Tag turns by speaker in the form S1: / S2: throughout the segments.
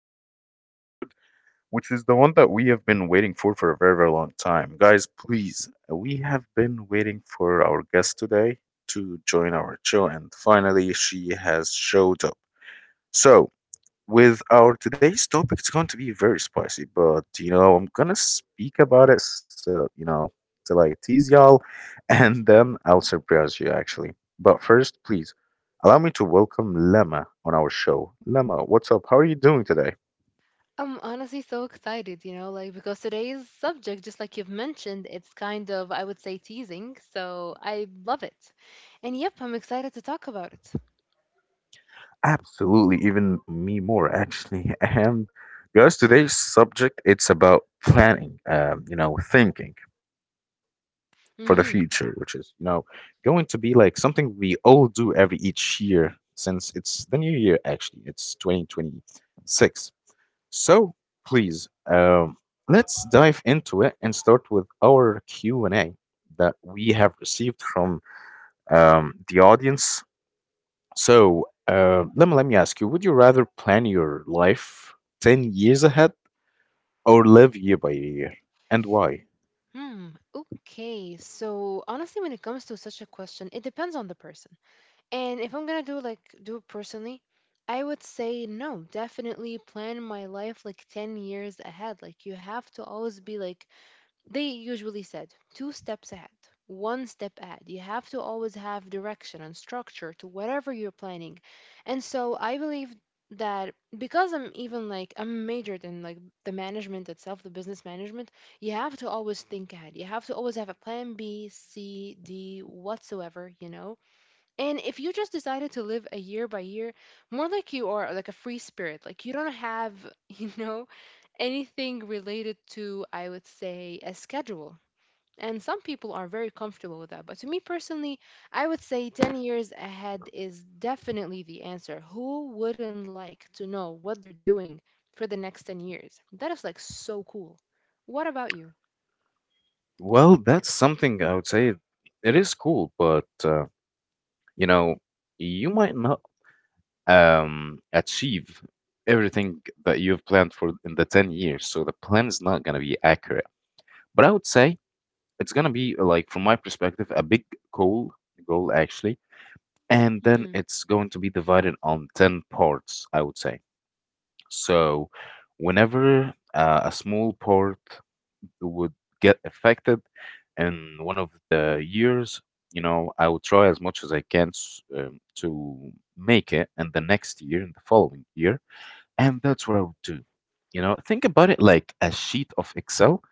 S1: today's new episode, which is the one that we have been waiting for a very, very long time. Guys, please, we have been waiting for our guest today to join our show, and finally, she has showed up. So, with our today's topic. It's going to be very spicy, but you know, I'm gonna speak about it, so you know, till I tease y'all, and then I'll surprise you actually. But first, please allow me to welcome Lemma on our show. Lemma, what's up? How are you doing today?
S2: I'm honestly so excited, like because today's subject, just like you've mentioned, it's kind of, I would say, teasing. So I love it. And yep, I'm excited to talk about it.
S1: Absolutely, even me more actually. And guys, today's subject it's about planning, you know, thinking for the future, which is you know
S2: Mm-hmm.
S1: going to be like something we all do every each year since it's the new year. Actually, it's 2026. So please, let's dive into it and start with our Q and A that we have received from the audience. So, let me ask you: would you rather plan your life 10 years ahead or live year by year, and why?
S2: Hmm. Okay. So honestly, when it comes to such a question, it depends on the person. And if I'm gonna do like do it personally, I would say no, definitely plan my life like 10 years ahead. Like you have to always be like, they usually said two steps ahead, one step ahead. You have to always have direction and structure to whatever you're planning. And so I believe that because I'm, even like, I'm majored in like the management itself, the business management, you have to always think ahead. You have to always have a plan B, C, D, whatsoever, you know? And if you just decided to live a year by year, more like you are like a free spirit, like you don't have, you know, anything related to, I would say, a schedule, and some people are very comfortable with that, but to me personally, I would say 10 years ahead is definitely the answer. Who wouldn't like to know what they're doing for the next 10 years? That is like so cool. What about you?
S1: Well, that's something I would say it is cool, but you know, you might not achieve everything that you've planned for in the 10 years. So the plan is not going to be accurate. But I would say it's going to be, like, from my perspective, a big goal, goal actually. And then
S2: Mm,
S1: it's going to be divided on 10 parts, I would say. So whenever a small part would get affected in one of the years, you know, I would try as much as I can to make it in the next year, in the following year, and that's what I would do. You know, think about it like a sheet of Excel,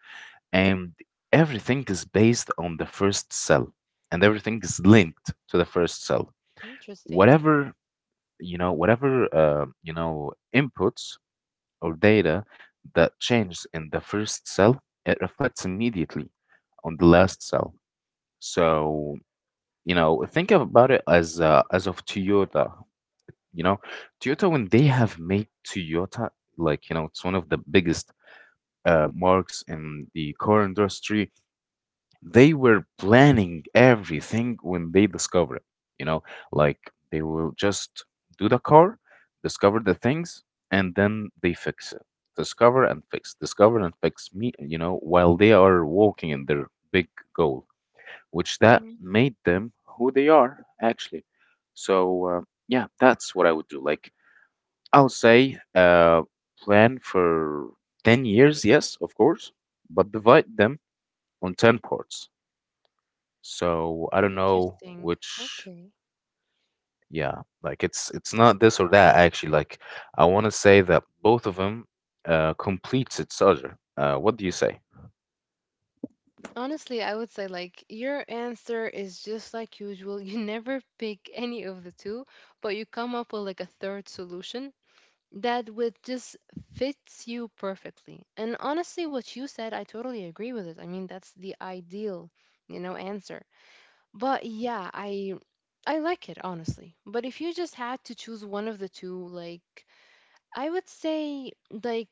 S1: and everything is based on the first cell, and everything is linked to the first cell.
S2: interesting.
S1: Whatever, you know, inputs or data that changes in the first cell, it reflects immediately on the last cell. So, you know, think about it as of Toyota. You know, Toyota when they have made Toyota, like, you know, it's one of the biggest marks in the car industry, they were planning everything when they discover it. You know, like they will just do the car, discover the things, and then they fix it. Discover and fix me, you know, while they are walking in their big goal, which that
S2: Mm,
S1: made them who they are actually. So, yeah, that's what I would do. Like, I would say plan for 10 years, yes, of course, but divide them on 10 parts. So I don't know
S2: interesting.
S1: which,
S2: Okay.
S1: yeah, like it's not this or that actually. Like I want to say that both of them completes its other. What do you say?
S2: Honestly, I would say like your answer is just like usual. You never pick any of the two, but you come up with like a third solution that with just fits you perfectly. And honestly, what you said, I totally agree with it. I mean, that's the ideal, answer. But yeah, I like it honestly. But if you just had to choose one of the two, like I would say like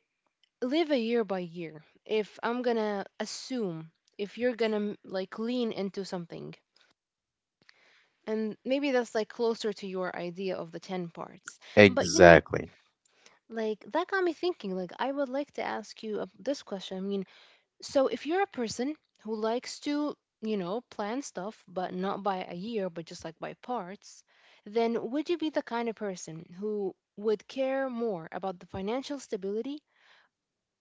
S2: live a year by year. If I'm gonna assume if you're gonna like lean into something. And maybe that's like closer to your idea of the 10 parts. But
S1: Exactly.
S2: like that got me thinking. Like I would like to ask you this question. I mean, so if you're a person who likes to, plan stuff, but not by a year, but just like by parts, then would you be the kind of person who would care more about the financial stability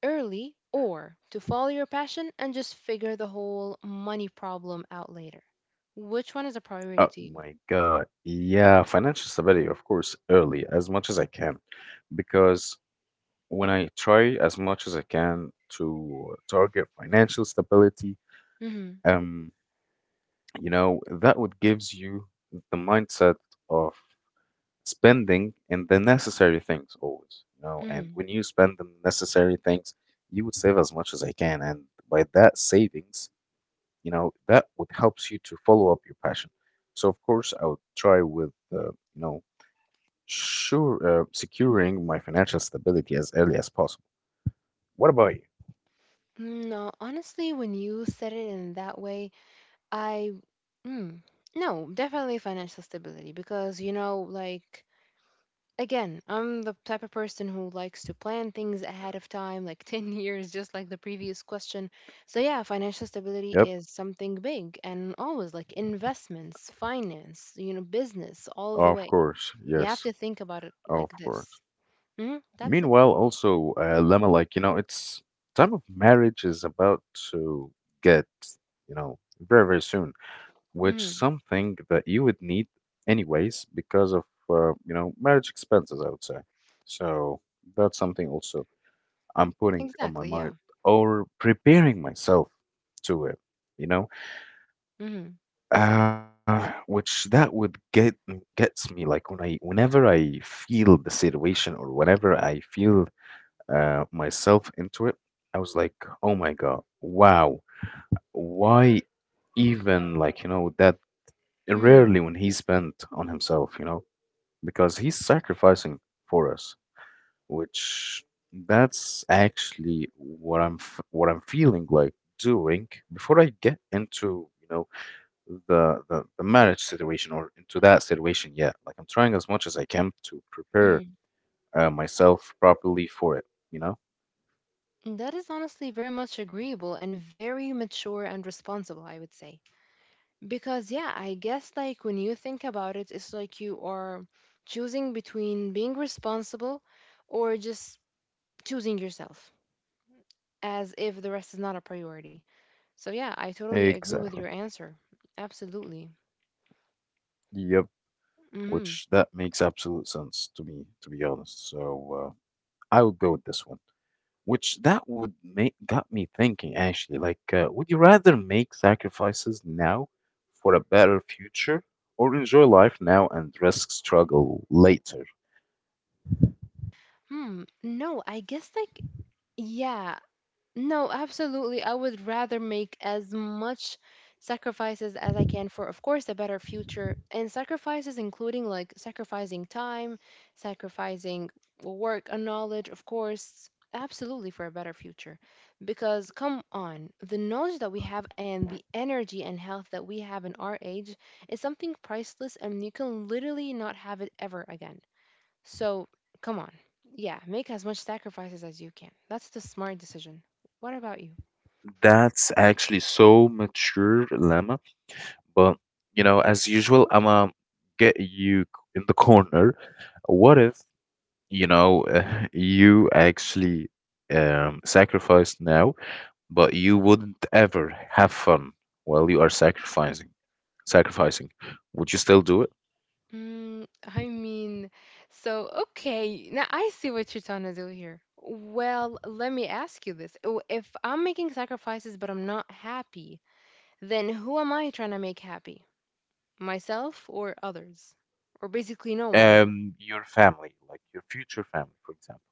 S2: early or to follow your passion and just figure the whole money problem out later? Which one is a priority
S1: Oh
S2: to you?
S1: my God. Yeah, financial stability, of course, early as much as I can. Because when I try as much as I can to target financial stability,
S2: Mm-hmm.
S1: um, you know, that would gives you the mindset of spending and the necessary things always, you know, and
S2: Mm-hmm.
S1: when you spend the necessary things, you would save as much as I can, and by that savings, you know, that would helps you to follow up your passion. So of course, I would try with, sure, securing my financial stability as early as possible. What about you?
S2: No, honestly, when you said it in that way, I mm, no, definitely financial stability, because like again, I'm the type of person who likes to plan things ahead of time, like 10 years just like the previous question. So yeah, financial stability
S1: Yep.
S2: is something big, and always like investments, finance, business all the
S1: Of
S2: way.
S1: course,
S2: You have
S1: yes,
S2: to think about it
S1: of
S2: like
S1: course.
S2: this. Hmm. That's it.
S1: Meanwhile, also, Lemma, like, you know, it's time of marriage is about to get, you know, very, very soon, which
S2: Hmm.
S1: something that you would need anyways because of, you know, marriage expenses, I would say. So that's something also I'm putting on my
S2: Exactly,
S1: mind
S2: yeah.
S1: or preparing myself to it, you know?
S2: Hmm.
S1: Which that would get gets me like when I whenever I feel the situation or whenever I feel myself into it, I was like, oh my God, wow, why even like you know that
S2: Hmm.
S1: rarely when he spent on himself, you know, because he's sacrificing for us, which that's actually what what I'm feeling like doing before I get into you know the marriage situation or into that situation yet. Like I'm trying as much as I can to prepare
S2: Hmm.
S1: myself properly for it, you know?
S2: That is honestly very much agreeable and very mature and responsible, I would say. Because, yeah, I guess like when you think about it, it's like you are choosing between being responsible or just choosing yourself as if the rest is not a priority. So, yeah, I totally agree with your
S1: Exactly.
S2: answer. Absolutely.
S1: Yep.
S2: Hmm.
S1: Which that makes absolute sense to me, to be honest. So I would go with this one, which that would make got me thinking actually. Like, would you rather make sacrifices now for a better future, or enjoy life now and risk struggle later?
S2: Hmm. No, I guess like, yeah, no, absolutely. I would rather make as much sacrifices as I can for, of course, a better future. And sacrifices, including like sacrificing time, sacrificing work and knowledge, of course, absolutely for a better future. Because come on, the knowledge that we have and the energy and health that we have in our age is something priceless, and you can literally not have it ever again. So come on. Yeah, make as much sacrifices as you can. That's the smart decision. What about you?
S1: That's actually so mature, Lemma. But you know, as usual, I'ma get you c- in the corner. What if you know you actually sacrifice now, but you wouldn't ever have fun while you are sacrificing? Sacrificing, would you still do it?
S2: I mean, so okay, now I see what you're trying to do here. Well, let me ask you this. Oh, if I'm making sacrifices but I'm not happy, then who am I trying to make happy? Myself or others? Or basically no one?
S1: Your family, like your future family, for example.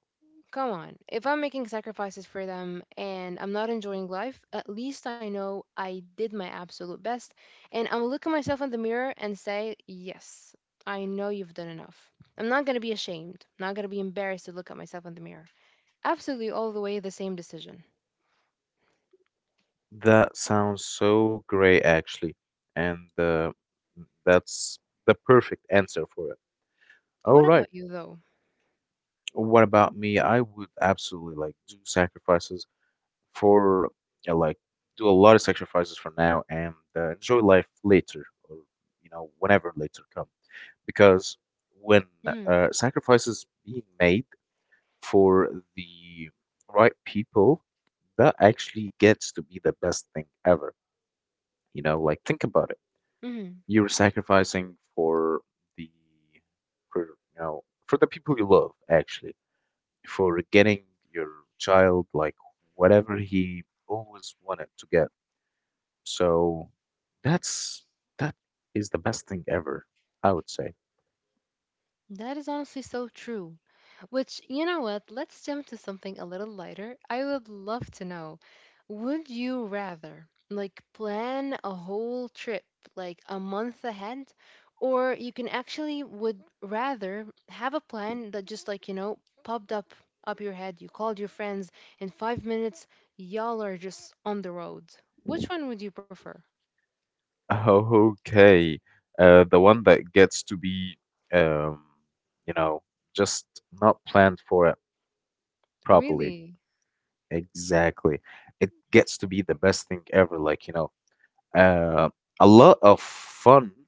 S2: Come on. If I'm making sacrifices for them and I'm not enjoying life, at least I know I did my absolute best. And I'll look at myself in the mirror and say, yes, I know you've done enough. I'm not going to be ashamed. I'm not going to be embarrassed to look at myself in the mirror. Absolutely all the way the same decision.
S1: That sounds so great, actually. And that's the perfect answer for it. All
S2: What
S1: right.
S2: about you, though?
S1: What about me? I would absolutely like do sacrifices for, uh, like, do a lot of sacrifices for now and enjoy life later or, you know, whenever later come. Because when
S2: Mm-hmm.
S1: sacrifices being made, for the right people, that actually gets to be the best thing ever. You know, like think about it.
S2: Mm-hmm.
S1: You're sacrificing for the for you know for the people you love actually, for getting your child like whatever he always wanted to get. So that's that is the best thing ever, I would say.
S2: That is honestly so true. Which, you know what, let's jump to something a little lighter. I would love to know, would you rather like plan a whole trip like a month ahead, or you can actually would rather have a plan that just like, popped up your head, you called your friends in 5 minutes, y'all are just on the road. Which one would you prefer?
S1: Okay. The one that gets to be, um, you know, just not planned for it properly.
S2: Really?
S1: Exactly. It gets to be the best thing ever. Like, you know, uh, a lot of fun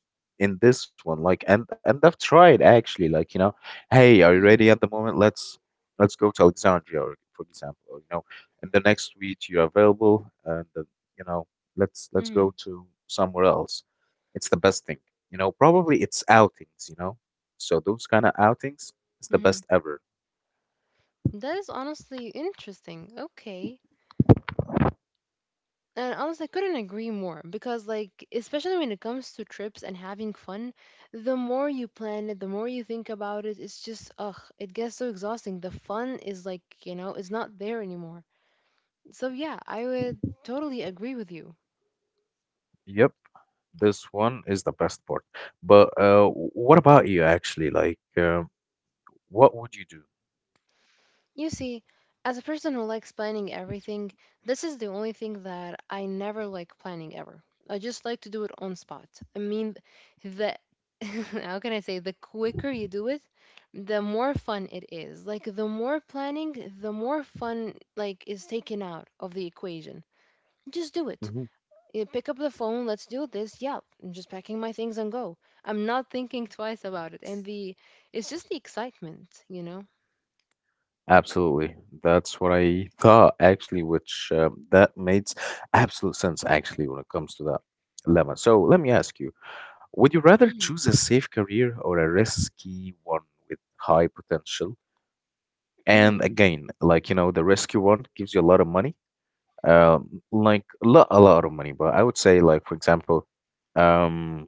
S1: in this one. Like and I've tried actually, like you know, hey are you ready at the moment? Let's go to Alexandria, or, for example, or you know, in the next week you're available and, you know, let's
S2: Mm-hmm.
S1: go to somewhere else. It's the best thing, you know, probably it's outings, you know, so those kind of outings is the
S2: Mm-hmm.
S1: best ever.
S2: That is honestly interesting. Okay. And honestly, I couldn't agree more because, like, especially when it comes to trips and having fun, the more you plan it, the more you think about it, it's just, ugh, it gets so exhausting. The fun is like, it's not there anymore. So, yeah, I would totally agree with you.
S1: Yep, this one is the best part. But what about you actually? Like what would you
S2: You see, as a person who likes planning everything, this is the only thing that I never like planning ever. I just like to do it on spot. I mean, the how can I say, the quicker you do it, the more fun it is. Like the more planning, the more fun like is taken out of the equation. Just do it.
S1: do?
S2: You pick up the phone, let's do this. Yeah, I'm just packing my things and go. I'm not thinking twice about it. And the it's just the excitement, you know?
S1: Absolutely. That's what I thought actually, which that makes absolute sense actually when it comes to that dilemma. So let me ask you, would you rather
S2: Mm.
S1: choose a safe career or a risky one with high potential? And
S2: Mm.
S1: again, like you know, the risky one gives you a lot of money, like a lot of money. But I would say, like for example, um,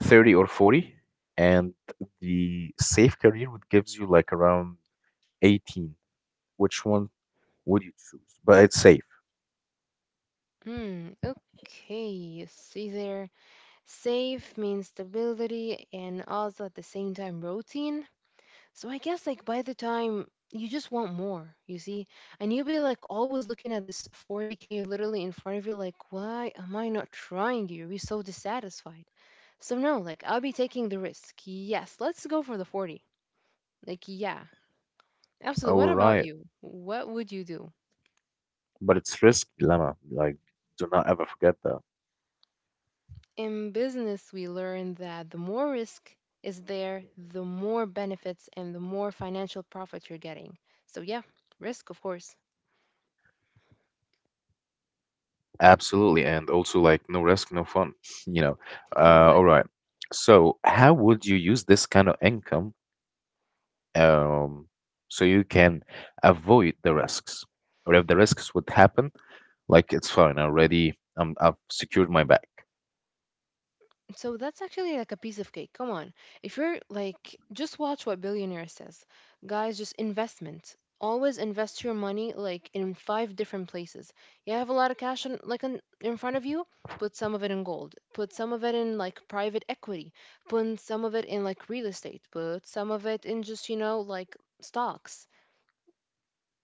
S1: 30 or 40, and the safe career would gives you like around 18. Which one would you choose? But it's safe.
S2: Hmm, okay. See there. Safe means stability and also at the same time routine. So I guess like by the time you just want more, you see? And you'll be like always looking at this 40K literally in front of you, like, why am I not trying? You'll be so dissatisfied. So no, like I'll be taking the risk. Yes, let's go for the 40. Like, yeah, absolutely. What
S1: All
S2: about
S1: right.
S2: you? What would you do?
S1: But it's risk dilemma. Like, do not ever forget that.
S2: In business, we learn that the more risk is there, the more benefits and the more financial profit you're getting. So, yeah, risk, of course.
S1: Absolutely. And also, like, no risk, no fun, you know. All right.
S2: Exactly.
S1: So, how would you use this kind of income um, so you can avoid the risks? Or if the risks would happen, like, it's fine already. I've secured my bag.
S2: So that's actually like a piece of cake. Come on. If you're like, just watch what Billionaire says. Guys, just investment. Always invest your money like in five different places. You have a lot of cash on, like in front of you, put some of it in gold. Put some of it in like private equity. Put some of it in like real estate. Put some of it in just, like stocks.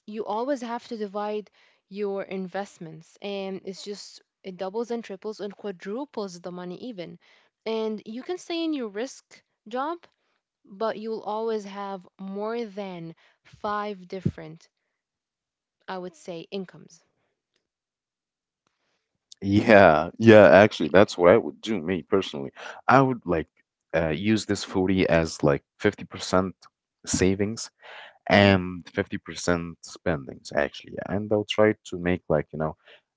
S2: You always have to divide your investments, and it's just it doubles and triples and quadruples the money even, and you can stay in your risk job, but you'll always have more than five different, I would say, incomes.
S1: Yeah, yeah, actually, that's what I would do, me personally. I would like use this 40 as like 50% savings
S2: Hmm.
S1: and 50% spendings, actually. And I'll try to make like, you know,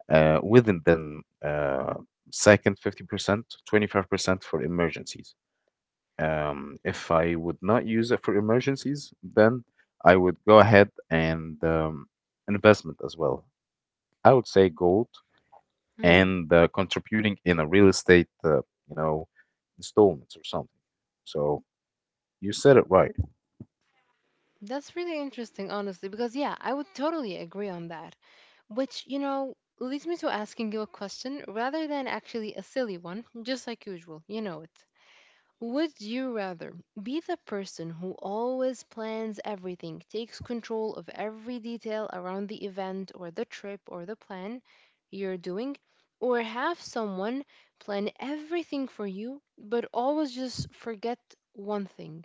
S1: within then second 50%, 25% for emergencies. If I would not use it for emergencies, then I would go ahead and investment as well. I would say gold
S2: Hmm.
S1: and contributing in a real estate, you know, installments or something. So you said it right.
S2: That's really interesting, honestly, because yeah, I would totally agree on that. Which, leads me to asking you a question rather than actually a silly one, just like usual. You know it. Would you rather be the person who always plans everything, takes control of every detail around the event or the trip or the plan you're doing, or have someone plan everything for you but always just forget one thing?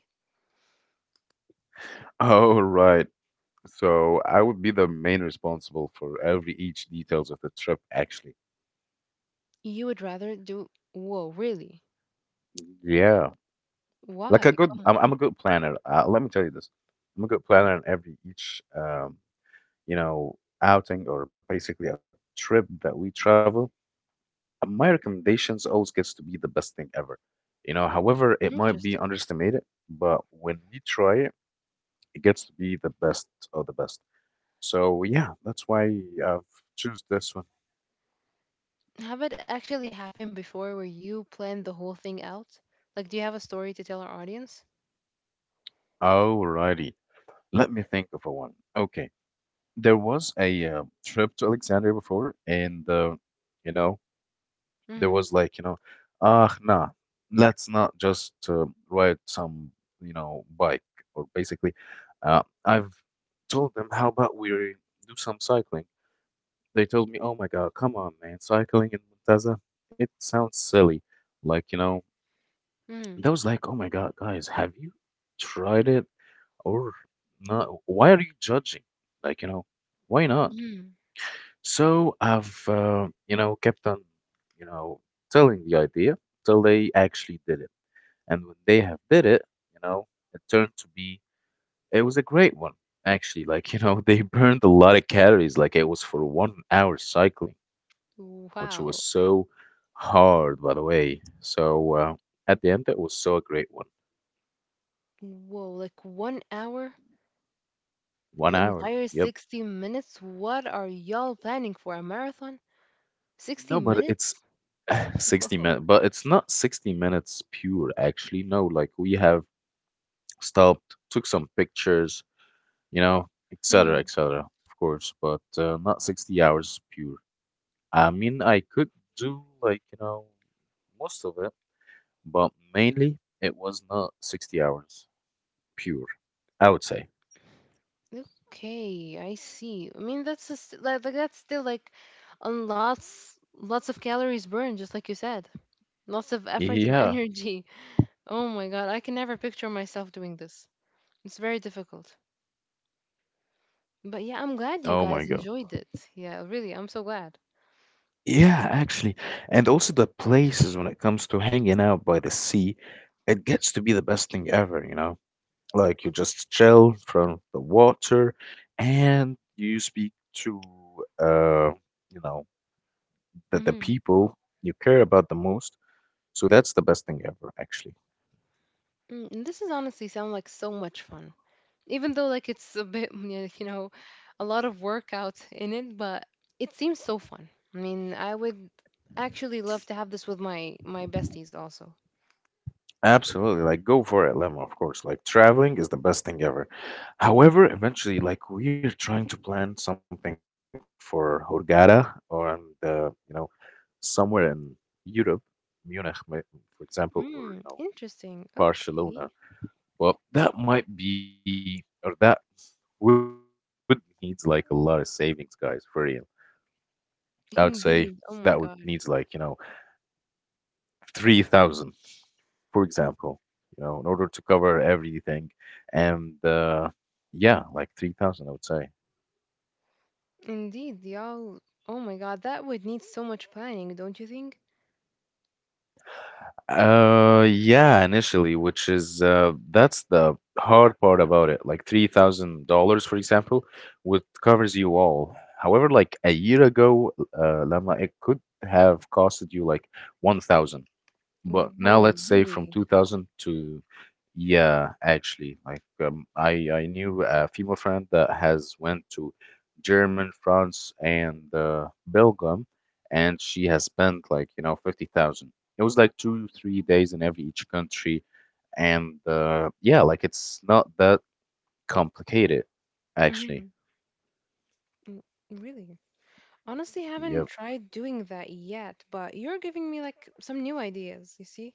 S1: Oh, right. So I would be the main responsible for every each details of the trip, actually.
S2: You would rather do, whoa, really?
S1: Yeah, like a
S2: Why?
S1: good.
S2: Come on.
S1: I'm a good planner. Let me tell you this. I'm a good planner in every each, you know, outing or basically a trip that we travel. And my recommendations always gets to be the best thing ever. You know, however, it might be
S2: Interesting.
S1: underestimated, but when we try it, it gets to be the best of the best. So yeah, that's why I've choose this one.
S2: Have it actually happened before where you planned the whole thing out? Like, do you have a story to tell our audience?
S1: Alrighty, let me think of a one. Okay, there was a trip to Alexandria before, and you know there
S2: Mm-hmm.
S1: was like, you know, ah, nah, let's not just ride some, you know, bike. Or basically, I've told them, how about we do some cycling? They told me, oh my God, come on, man, cycling in Muntaza, it sounds silly. Like, you know, that was like, oh my God, guys, have you tried it or not? Why are you judging? Like, you know, why not?
S2: Mm-hmm.
S1: So I've, kept on, you know, telling the idea till they actually did it. And when they have did it, you know, it turned to be, it was a great one, actually. Like, they burned a lot of calories. Like it was for 1 hour cycling, which was
S2: Wow.
S1: so hard, by the way. So at the end, it was so a great one.
S2: Whoa, like 1 hour?
S1: One
S2: The
S1: hour.
S2: entire
S1: Yep.
S2: 60 minutes? What are y'all planning for? A marathon? 60
S1: No, but it's
S2: minutes?
S1: 60
S2: Whoa.
S1: minutes, but it's not 60 minutes pure, actually. No, like we have stopped, took some pictures, etc.,
S2: Hmm.
S1: etc. Of course, but not 60 hours pure. I mean, I could do, like, most of it, but mainly it was not 60 hours pure, I would say.
S2: Okay, I see. I mean, that's just, like, that's still like on lots of calories burned, just like you said. Lots of effort and
S1: Yeah.
S2: energy. Oh my God, I can never picture myself doing this. It's very difficult. But yeah, I'm glad you
S1: Oh my
S2: guys
S1: God.
S2: enjoyed it. Yeah, really, I'm so glad.
S1: Yeah, actually. And also the places, when it comes to hanging out by the sea, it gets to be the best thing ever, you know? Like, you just chill from the water and you speak to uh you know the
S2: Mm-hmm.
S1: people you care about the most. So that's the best thing ever, actually.
S2: This is honestly sound like so much fun, even though like it's a bit a lot of workout in it, but it seems so fun. I mean, I would actually love to have this with my besties also.
S1: Absolutely, like, go for it, Lemma. Of course, like, traveling is the best thing ever. However, eventually, like, we're trying to plan something for Hurghada, or on the you know somewhere in Europe. Munich, for example, or
S2: Hmm. Interesting. Okay.
S1: Barcelona. Well, that might be, or that would needs like a lot of savings, guys, for real. I would say that would needs,
S2: Indeed. Oh
S1: like,
S2: my god.
S1: 3,000, for example, in order to cover everything. And yeah, like, 3,000, I would say.
S2: Indeed, y'all. Oh my god, that would need so much planning, don't you think?
S1: Yeah, initially, which is that's the hard part about it. Like, $3,000, for example, would covers you all. However, like a year ago, Lama, it could have costed you like 1,000. But now
S2: Whoa,
S1: let's say from
S2: really?
S1: 2000 to, yeah, actually, like, I knew a female friend that has went to German, France, and Belgium, and she has spent like, 50,000. It was like 2, 3 days in every each country, and yeah, like, it's not that complicated,
S2: Mm-hmm.
S1: actually.
S2: Mm, Really, honestly
S1: Yep,
S2: haven't tried doing that yet, but you're giving me like some new ideas, you see.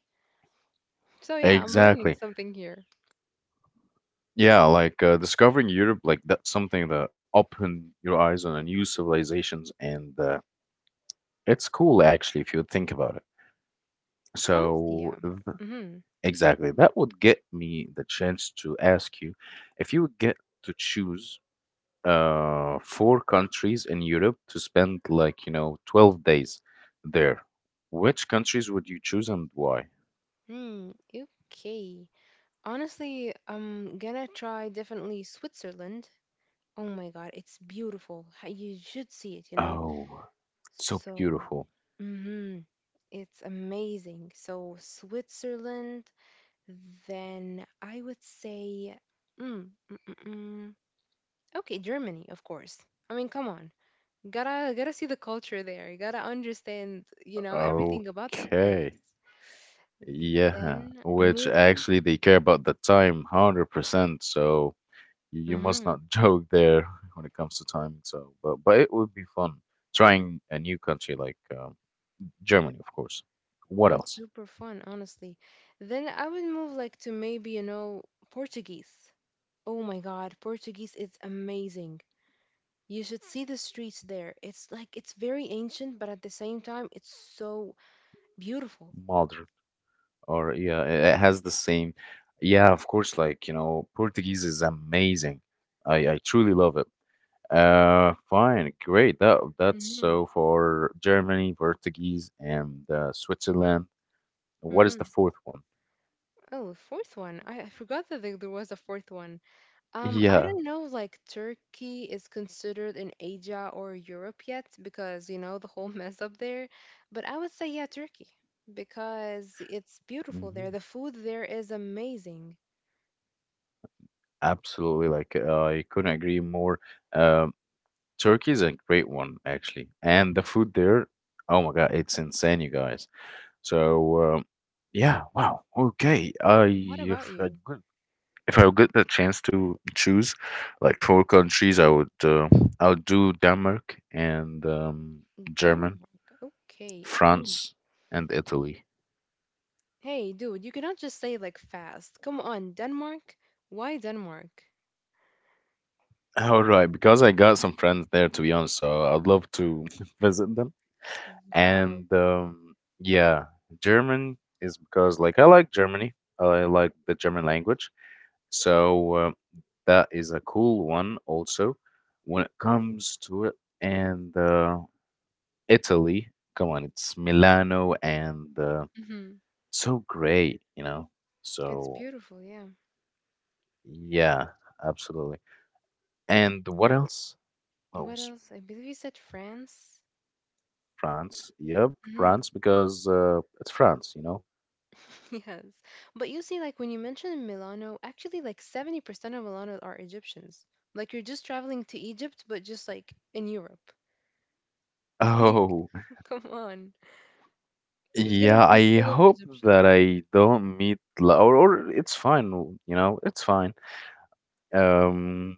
S2: So yeah, I'm learning
S1: exactly.
S2: something here.
S1: Yeah, like, discovering Europe, like, that's something that open your eyes on a new civilizations, and It's cool actually if you think about it.
S2: Honestly,
S1: So
S2: yeah. Mm-hmm.
S1: exactly, that would get me the chance to ask you if you would get to choose four countries in Europe to spend, like, 12 days there. Which countries would you choose and why?
S2: Mm, okay. Honestly, I'm gonna try definitely Switzerland. Oh my God, it's beautiful. You should see it, you know?
S1: Oh, so
S2: So,
S1: beautiful.
S2: mm-hmm. It's amazing. So, Switzerland, then I would say, mm, mm, mm, mm. Okay, Germany, of course. I mean, come on. Gotta see the culture there. You gotta understand, you know, everything about that place.
S1: Okay. Yeah,
S2: Then
S1: which
S2: moving.
S1: actually they care about the time 100%. So you must
S2: Mm-hmm.
S1: not joke there when it comes to timing. So, but it would be fun trying a new country like, Germany, of course. What
S2: Mm,
S1: else?
S2: super fun, honestly. Then I would move like to maybe, you know, Portuguese. Oh my God, Portuguese is amazing. You should see the streets there. It's very ancient, but at the same time, it's so beautiful.
S1: Modern, or yeah, it has the same. Yeah, of course. Like, Portuguese is amazing. I truly love it. Fine, great. That's
S2: Mm-hmm.
S1: so for Germany, Portuguese, and Switzerland. What is
S2: Mm-hmm.
S1: the fourth one?
S2: Oh, fourth one. I forgot that there was a fourth one. I
S1: Yeah.
S2: don't know, like Turkey is considered in Asia or Europe yet because, you know, the whole mess up there. But I would say, yeah, Turkey because it's beautiful there.
S1: Hmm.
S2: The food there is amazing.
S1: Absolutely, like, I couldn't agree more. Um, Turkey is a great one, actually. And the food there, oh my God, it's insane, you guys. So, yeah, wow. Okay. I,
S2: What about
S1: if I
S2: you?
S1: could, if I would get the chance to choose like four countries, I would do Denmark and, German,
S2: Denmark. Okay. Mm.
S1: France, and Italy.
S2: Hey, dude, you cannot just say like fast. Come on, Denmark. Why Denmark?
S1: All right, because I got some friends there, to be honest, so I'd love to visit them.
S2: Wow.
S1: And yeah, German is because, like, I like Germany, I like the German language, so, that is a cool one also when it comes to it. And Italy, come on, it's Milano, and
S2: Hmm.
S1: so great.
S2: It's
S1: So
S2: beautiful, yeah.
S1: yeah, absolutely. And what else? What
S2: What
S1: was
S2: else? I believe you said France.
S1: France? Yep,
S2: Mhm.
S1: France because it's France.
S2: Yes. But you see, like when you mentioned Milano, actually like 70% of Milano are Egyptians. Like you're just traveling to Egypt, but just like in Europe. I mean,
S1: Oh.
S2: come on. It's gonna
S1: Yeah,
S2: be
S1: I
S2: full of
S1: hope that
S2: Egyptians.
S1: I don't meet or it's fine, it's fine. Um,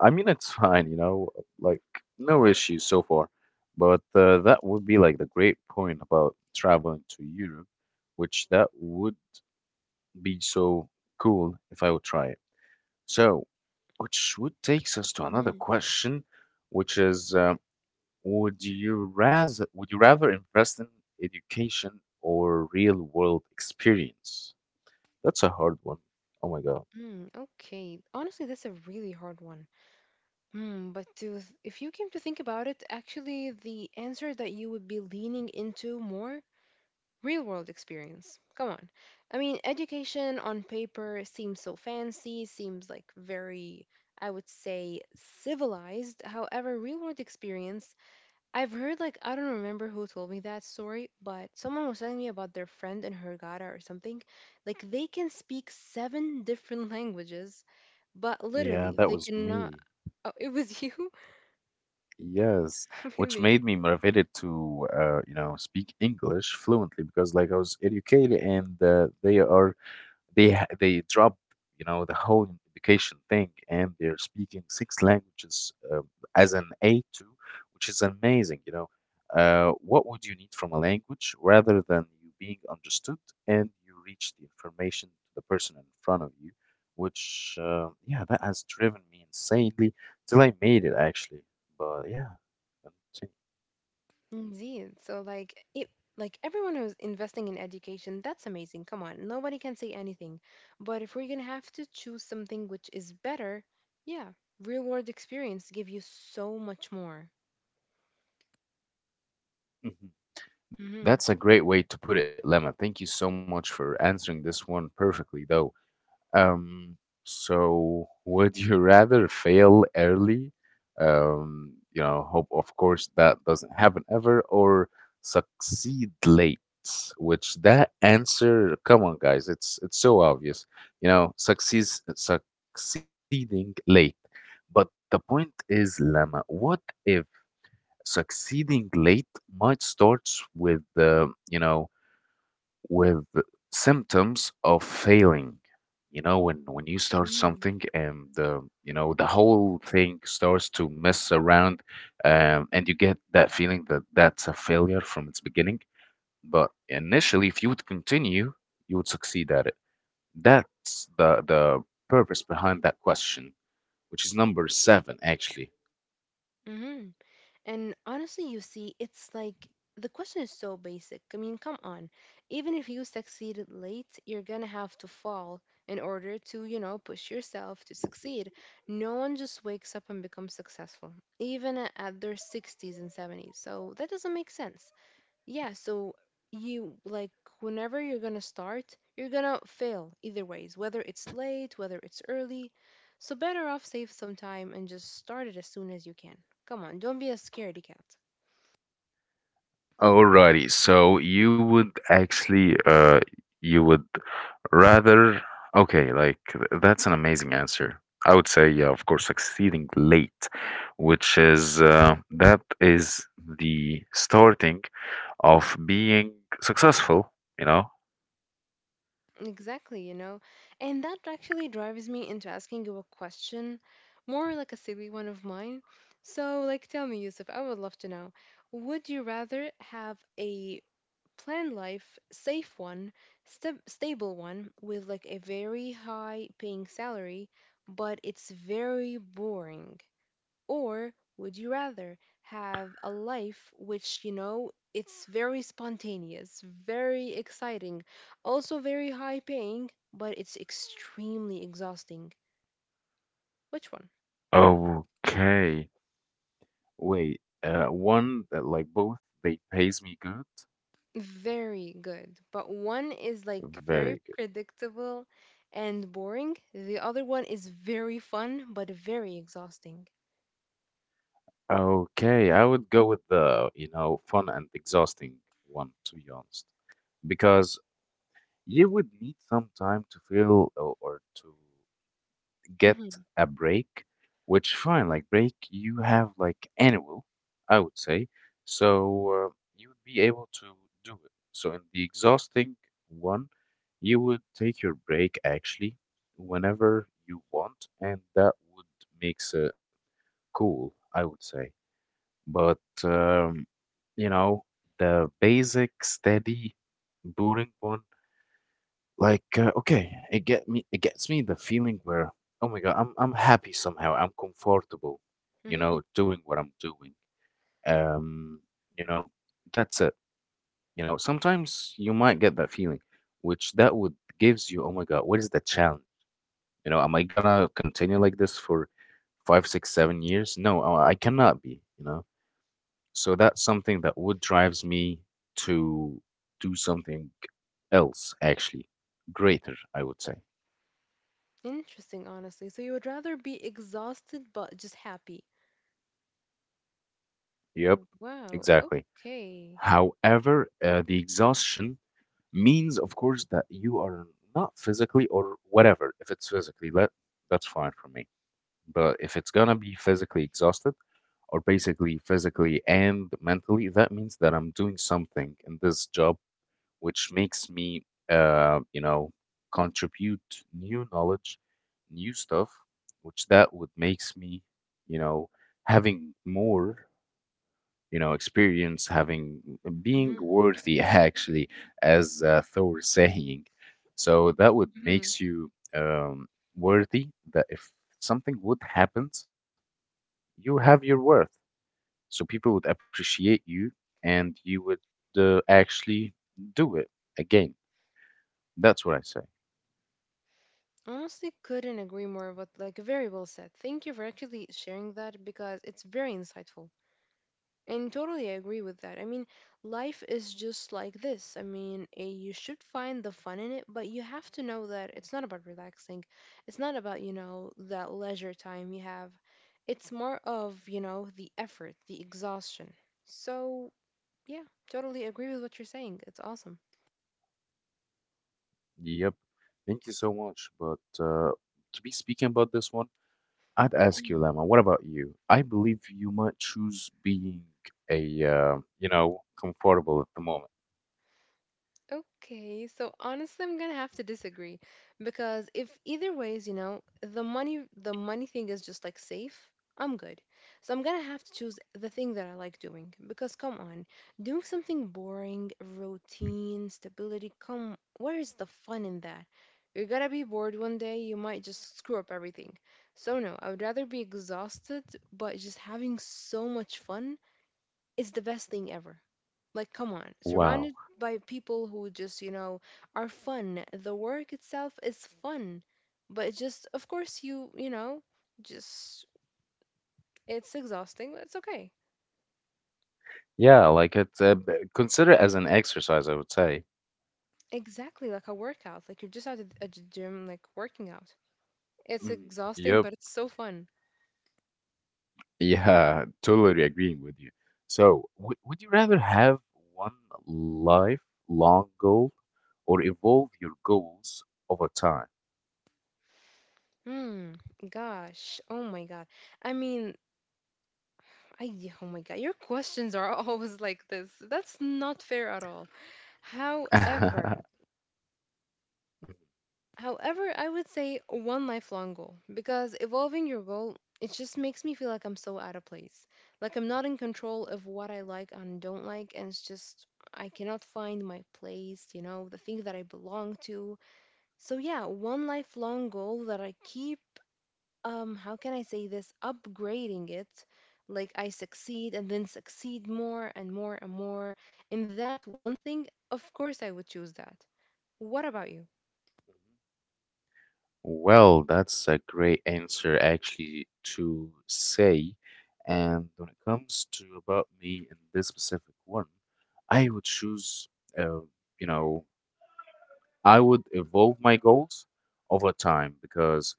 S1: I mean, it's fine, like, no issues so far. But that would be like the great point about traveling to Europe, which that would be so cool if I would try it. So, which would takes us to another
S2: Mm,
S1: question, which is, would you rather invest in education or real world experience? That's a hard one. Oh my God.
S2: okay. Honestly, that's a really hard one. Hmm, but if you came to think about it, actually the answer that you would be leaning into more real world experience. Come on. I mean, education on paper seems so fancy, seems like very, I would say, civilized. However, real world experience, I've heard, like, I don't remember who told me that story, but someone was telling me about their friend in Hurghada or something. Like, they can speak 7 different languages, but
S1: Yeah,
S2: literally,
S1: that
S2: they
S1: was
S2: cannot.
S1: me.
S2: Oh, it was you?
S1: Yes, which
S2: Really?
S1: made me motivated to, speak English fluently because, like, I was educated, and they ha- they dropped, the whole education thing, and they're speaking six languages, as an A2, which is amazing. What would you need from a language rather than you being understood and you reach the information to the person in front of you, which, yeah, that has driven me insanely till I made it, actually. But yeah,
S2: Indeed. So like it like everyone who's investing in education, that's amazing. Come on. Nobody can say anything. But if we're going to have to choose something which is better, yeah, real-world experience give you so much more.
S1: continue.
S2: Mhm.
S1: That's a great way to put it, Lemma. Thank you so much for answering this one perfectly, though. Um, so would you rather fail early? Hope of course that doesn't happen ever, or succeed late, which, that answer, come on, guys, it's so obvious. You know, succeeds succeeding late. But the point is, Lemma, what if succeeding late might starts with with symptoms of failing. When you start
S2: Mhm.
S1: something, and the you know the whole thing starts to mess around, and you get that feeling that that's a failure from its beginning. But initially, if you would continue, you would succeed at it. That's the purpose behind that question, which is number seven, actually.
S2: Mhm. And honestly, you see, it's like the question is so basic. I mean, come on. Even if you succeeded late, you're gonna have to fall in order to, you know, push yourself to succeed. No one just wakes up and becomes successful, even at their 60s and 70s. So that doesn't make sense. Yeah, so you like whenever you're gonna start, you're gonna fail either ways, whether it's late, whether it's early. So better off save some time and just start it as soon as you can. Come on, don't be a scaredy cat.
S1: Alrighty, so you would rather, okay, like, that's an amazing answer. I would say, yeah, of course, succeeding late, which is that is the starting of being successful, you know?
S2: Exactly, you know. And that actually drives me into asking you a question, more like a silly one of mine. So, like, tell me, Yusuf, I would love to know, would you rather have a plan life, safe one, stable one with like a very high paying salary, but it's very boring? Or would you rather have a life which, you know, it's very spontaneous, very exciting, also very high paying, but it's extremely exhausting? Which one?
S1: Okay, wait, one that, like, both they pays me good,
S2: Very good. But one is like very
S1: very good.
S2: predictable and boring. The other one is very fun but very exhausting.
S1: Okay, I would go with the, fun and exhausting one, to be honest. Because you would need some time to feel, or to get
S2: Mhm.
S1: a break, which, fine, like, break you have like annual, I would say. So, you would be able to do it. So in the exhausting one, you would take your break actually whenever you want, and that would makes it cool, I would say. But um, you know, the basic steady boring one. Like, okay, it gets me the feeling where, oh my God, I'm happy somehow. I'm comfortable,
S2: Mhm.
S1: doing what I'm doing. Um, you know, that's it. Sometimes you might get that feeling, which that would gives you, oh my God, what is the challenge? Am I gonna continue like this for 5, 6, 7 years? No, I cannot be. So that's something that would drives me to do something else, actually greater, I would say.
S2: Interesting, honestly. So you would rather be exhausted but just happy.
S1: Yep,
S2: Wow.
S1: exactly.
S2: Okay.
S1: However, the exhaustion means, of course, that you are not physically or whatever. If it's physically, let, that's fine for me. But if it's gonna be physically exhausted, or basically physically and mentally, that means that I'm doing something in this job which makes me, uh, you know, contribute new knowledge, new stuff, which that would makes me, you know, having more, experience, having, being
S2: Mhm.
S1: worthy actually, as thor saying. So that would
S2: Mhm.
S1: makes you, worthy, that if something would happens, you have your worth, so people would appreciate you, and you would, actually do it again. That's what I say.
S2: Honestly, couldn't agree more. But like, very well said. Thank you for actually sharing that because it's very insightful. And totally agree with that. I mean, life is just like this. I mean, you should find the fun in it, but you have to know that it's not about relaxing. It's not about, you know, that leisure time you have. It's more of, you know, the effort, the exhaustion. So, yeah, totally agree with what you're saying. It's awesome.
S1: Yep, thank you so much. But to be speaking about this one, I'd ask you, Lemma, what about you? I believe you might choose being comfortable at the moment.
S2: Okay, so honestly, I'm gonna have to disagree because if either ways, you know, the money thing is just like safe, I'm good. So I'm gonna have to choose the thing that I like doing because come on, doing something boring, routine, stability, come, where is the fun in that? You're gonna be bored one day, you might just screw up everything. So no, I would rather be exhausted, but just having so much fun is the best thing ever. Like, come on,
S1: Wow.
S2: surrounded by people who just, you know, are fun. The work itself is fun, but it just, of course, you know, just, it's exhausting, but it's okay.
S1: Yeah, like, consider it as an exercise, I would say.
S2: Exactly, like a workout. Like, you're just at a, gym, like, working out. It's
S1: Mhm.
S2: exhausting,
S1: Yep.
S2: but it's so fun.
S1: Yeah, totally agreeing with you. So, w would you rather have one lifelong goal or evolve your goals over time?
S2: Hmm, gosh, oh my God. I mean, I, oh my God, your questions are always like this. That's not fair at all. However,
S1: Mhm.
S2: I would say one lifelong goal because evolving your goal, it just makes me feel like I'm so out of place. Like I'm not in control of what I like and don't like, and it's just I cannot find my place, you know, the thing that I belong to. So yeah, one lifelong goal that I keep, how can I say this, upgrading it, like I succeed and then succeed more and more and more in that one thing. Of course I would choose that. What about you?
S1: Well, that's a great answer actually to say. And when it comes to about me in this specific one, I would choose, uh, you know, I would evolve my goals over time, because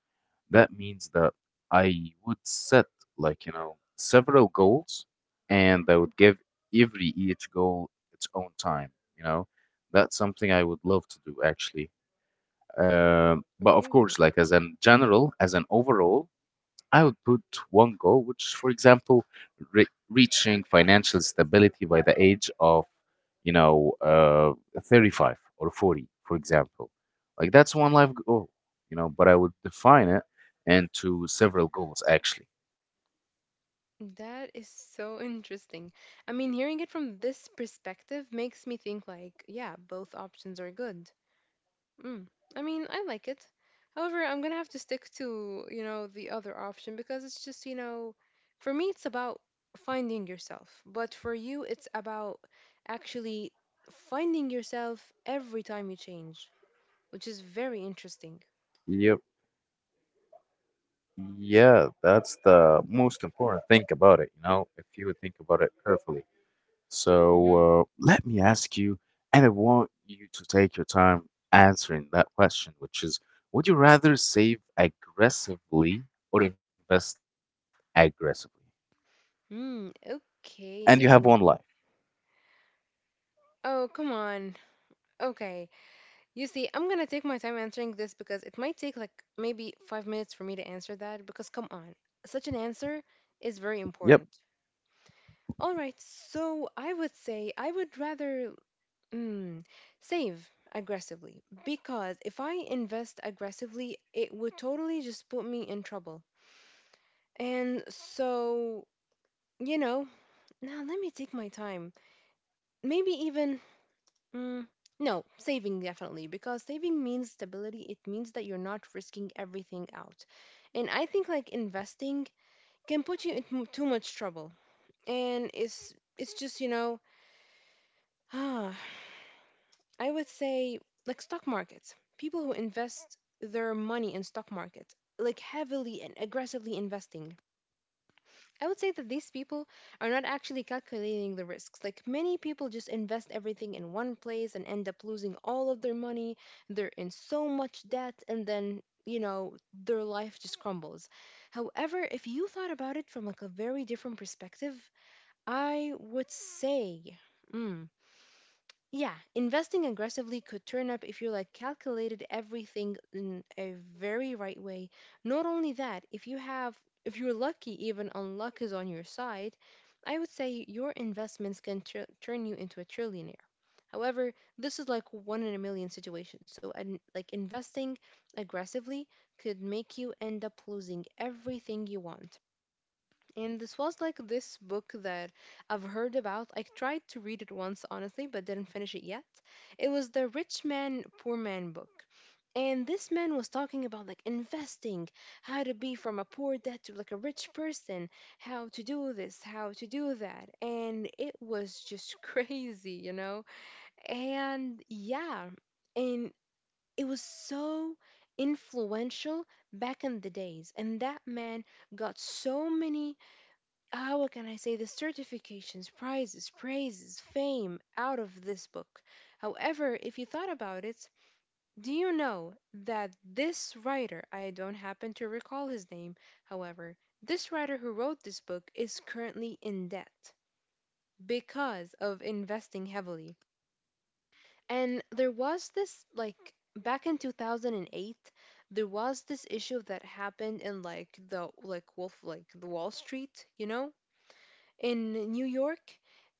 S1: that means that I would set, like, several goals, and I would give every each goal its own time, you know. That's something I would love to do actually. But of
S2: Really?
S1: course, like, as an general, as an overall, I would put one goal, which, for example, reaching financial stability by the age of, you know, uh, 35 or 40, for example. Like, that's one life goal, but I would define it into several goals, actually.
S2: That is so interesting. I mean, hearing it from this perspective makes me think like, yeah, both options are good. Mm. I mean, I like it. However, I'm gonna have to stick to, you know, the other option because it's just, you know, for me it's about finding yourself, but for you it's about actually finding yourself every time you change, which is very interesting.
S1: Yep. Yeah, that's the most important thing about it, if you think about it carefully.
S2: Mhm.
S1: So, let me ask you, and I want you to take your time answering that question, which is, would you rather save aggressively or invest aggressively?
S2: Hmm,
S1: And you have one
S2: okay. I
S1: life.
S2: mean, oh, come on. Okay. You see, I'm gonna take my time answering this because it might take like maybe 5 minutes for me to answer that. Because, come on, such an answer is very important.
S1: Yep,
S2: All right, so I would say I would rather, mm, save aggressively because if I invest aggressively, it would totally just put me in trouble. And so, you know, now let me take my time. Maybe even, mm, no, saving definitely, because saving means stability. It means that you're not risking everything out. And I think like investing can put you into too much trouble. And it's just, you know, I would say like stock markets. People who invest their money in stock market, like heavily and aggressively investing. I would say that these people are not actually calculating the risks. Like many people just invest everything in one place and end up losing all of their money. They're in so much debt and then, you know, their life just crumbles. However, if you thought about it from like a very different perspective, I would say, hmm, yeah, investing aggressively could turn up if you like calculated everything in a very right way. Not only that, if you have, if you're lucky, even unluck is on your side, I would say your investments can turn you into a trillionaire. However, this is like one in a million situation. So, and like investing aggressively could make you end up losing everything you want. And this was like this book that I've heard about. I tried to read it once, honestly, but didn't finish it yet. It was the Rich Man, Poor Man book. And this man was talking about like investing, how to be from a poor dad to like a rich person, how to do this, how to do that. And it was just crazy, you know? And yeah, and it was so influential back in the days. And that man got so many, ah, what can I say, the certifications, prizes, praises, fame out of this book. However, if you thought about it, do you know that this writer, I don't happen to recall his name, however, this writer who wrote this book is currently in debt because of investing heavily. And there was this, like, back in 2008, there was this issue that happened in like the Wall Street, you know? In New York.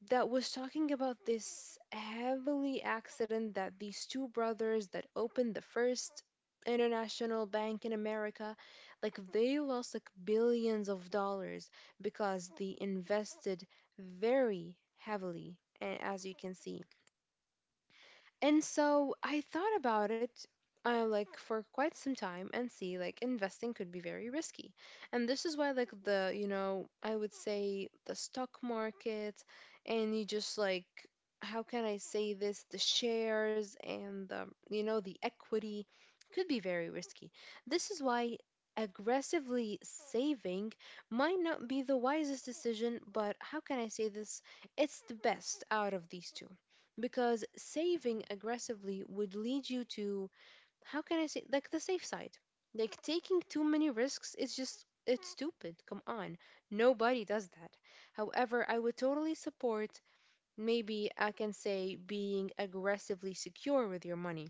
S2: That was talking about this heavily accident that these two brothers that opened the first international bank in America, like they lost like billions of dollars because they invested very heavily. And as you can see. And so I thought about it, like for quite some time and see like investing could be very risky. And this is why like the, you know, I would say the stock market, and you just like, how can I say this, the shares and the, you know, the equity could be very risky. This is why aggressively saving might not be the wisest decision, but how can I say this? It's the best out of these two because saving aggressively would lead you to, how can I say, like the safe side. Like taking too many risks is just it's stupid. Come on. Nobody does that. However, I would totally support, maybe I can say, being aggressively secure with your money.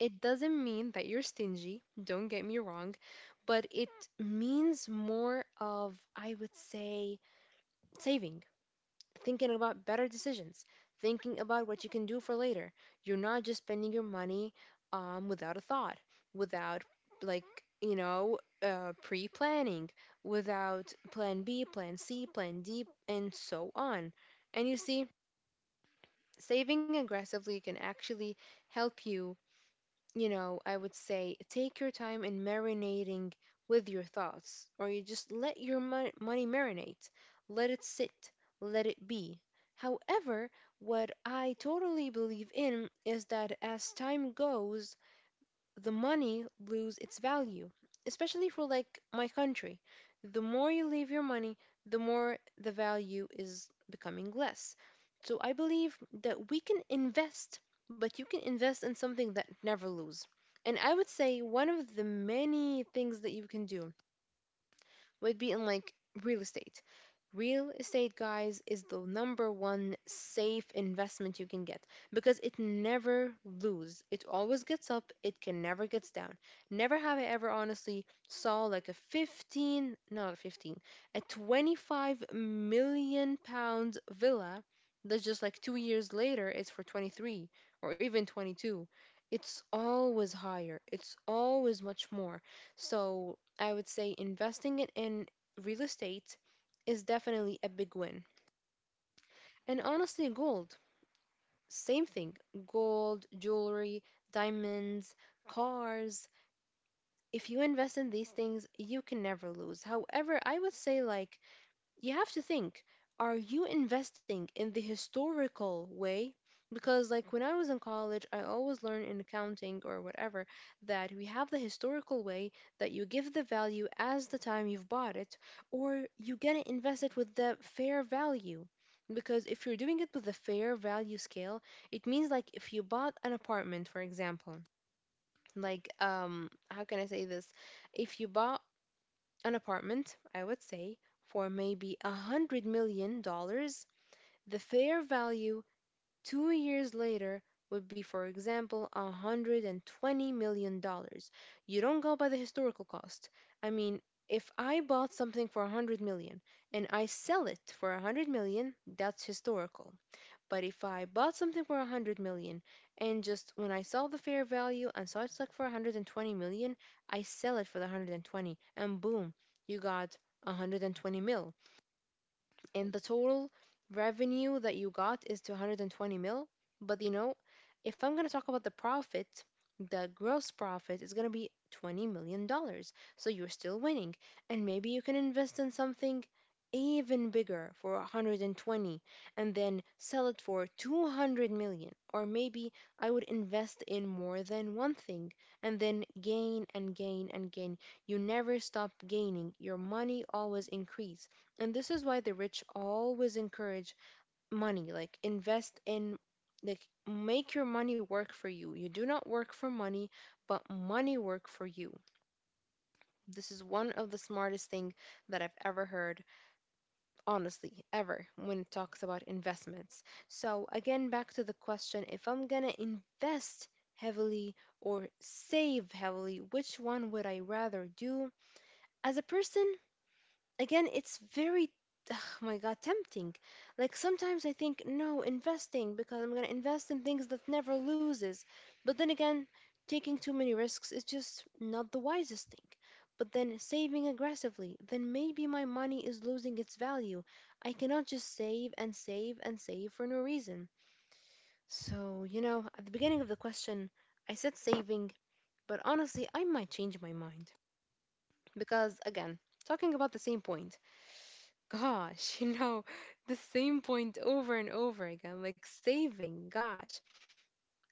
S2: It doesn't mean that you're stingy, don't get me wrong, but it means more of, I would say, saving, thinking about better decisions, thinking about what you can do for later. You're not just spending your money without a thought, without like you know pre-planning, without plan B, plan C, plan D, and so on. And you see, saving aggressively can actually help you, I would say, take your time in marinating with your thoughts, or you just let your money marinate, let it sit, let it be. However, what I totally believe in is that as time goes, the money lose its value, especially for like my country. The more you leave your money, the more the value is becoming less. So I believe that we can invest, but you can invest in something that never lose. And I would say one of the many things that you can do would be in like real estate. Real estate, guys, is the number one safe investment you can get because it never loses. It always gets up, it can never gets down. Never have I ever honestly saw like a 15, no, not a 15, a £25 million villa that's just like 2 years later it's for 23 or even 22. It's always higher, it's always much more. So I would say investing it in real estate is definitely a big win. And honestly, gold, same thing, gold, jewelry, diamonds, cars. If you invest in these things, you can never lose. However, I would say, like, you have to think, are you investing in the historical way? Because like when I was in college, I always learned in accounting or whatever that we have the historical way, that you give the value as the time you've bought it, or you get to invest it with the fair value. Because if you're doing it with the fair value scale, it means like if you bought an apartment, for example, like, how can I say this, if you bought an apartment, I would say, for maybe $100 million, the fair value 2 years later would be, for example, $120 million. You don't go by the historical cost. I mean, if I bought something for 100 million and I sell it for 100 million, that's historical. But if I bought something for a hundred million, and just when I saw the fair value and saw it's like for 120 million, I sell it for the 120, and boom, you got 120 mil, and the total revenue that you got is 220 mil. But if I'm going to talk about the profit, the gross profit is going to be $20 million. So you're still winning. And maybe you can invest in something even bigger for 120 and then sell it for 200 million, or maybe I would invest in more than one thing and then gain and gain and gain. You never stop gaining, your money always increase. And this is why the rich always encourage money, like, invest in, like, make your money work for you. You do not work for money, but money work for you. This is one of the smartest thing that I've ever heard, honestly, ever, when it talks about investments. So again, back to the question, if I'm gonna invest heavily or save heavily, which one would I rather do as a person? Again, it's very oh my god, tempting. Like, sometimes I think no, investing, because I'm going to invest in things that never loses. But then again, taking too many risks is just not the wisest thing. But then saving aggressively, then maybe my money is losing its value. I cannot just save and save and save for no reason. So, at the beginning of the question, I said saving, but honestly I might change my mind. Because again, talking about the same point. Gosh, the same point over and over again, like saving, gosh.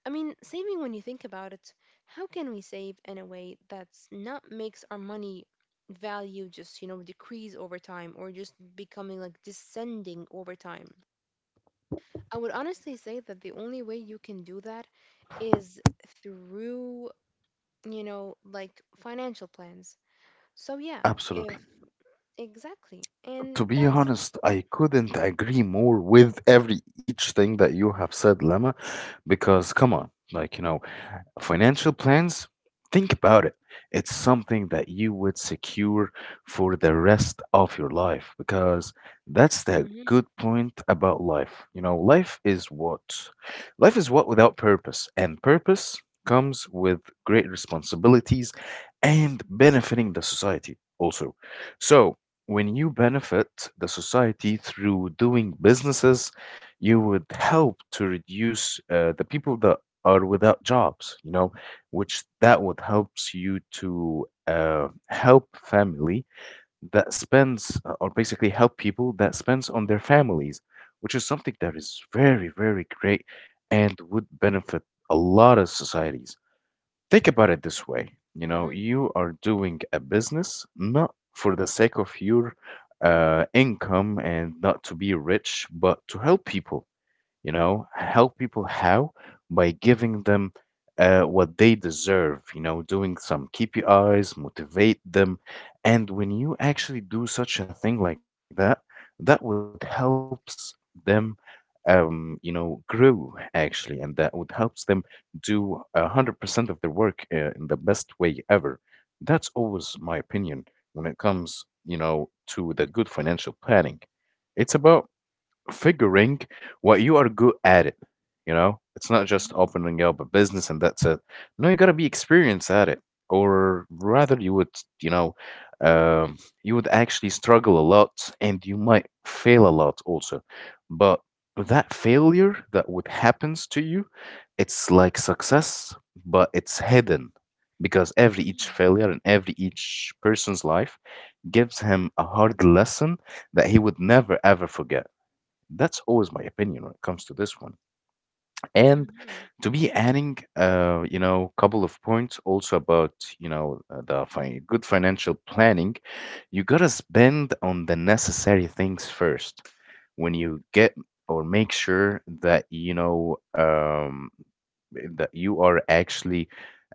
S2: I mean, saving, when you think about it, how can we save in a way that's not makes our money value just decrease over time, or just becoming like descending over time? I would honestly say that the only way you can do that is through financial plans. So yeah,
S1: absolutely.
S2: if— exactly.
S1: To
S2: And
S1: be
S2: that's it.
S1: honest, I couldn't agree more with every each thing that you have said, Lemma, because come on, like you know, financial plans, think about it. It's something that you would secure for the rest of your life because that's the
S2: Hmm.
S1: good point about life. You know, life is what without purpose, and purpose comes with great responsibilities and benefiting the society also. So, when you benefit the society through doing businesses, you would help to reduce the people that are without jobs, you know, which that would helps you to help family that spends, or basically help people that spends on their families, which is something that is very, very great and would benefit a lot of societies. Think about it this way, you know,
S2: Hmm.
S1: you are doing a business not for the sake of your income and not to be rich, but to help people, you know, help people how, by giving them what they deserve, you know, doing some kpis motivate them. And when you actually do such a thing like that, that would helps them, you know, grow actually, and that would helps them do 100% of their work in the best way ever. That's always my opinion. When it comes, you know, to the good financial planning, it's about figuring what you are good at it. You know, it's not just
S2: Hmm.
S1: opening up a business and that's it. No, you gotta be experienced at it, or rather, you would, you know, you would actually struggle a lot and you might fail a lot also. But that failure that would happens to you, it's like success, but it's hidden because every each
S2: Hmm.
S1: failure and every each person's life gives him a hard lesson that he would never ever forget. That's always my opinion when it comes to this one. And
S2: Mhm.
S1: to be adding, you know, couple of points also about, you know, the good financial planning, you gotta spend on the necessary things first. When you get or make sure that, you know, that you are actually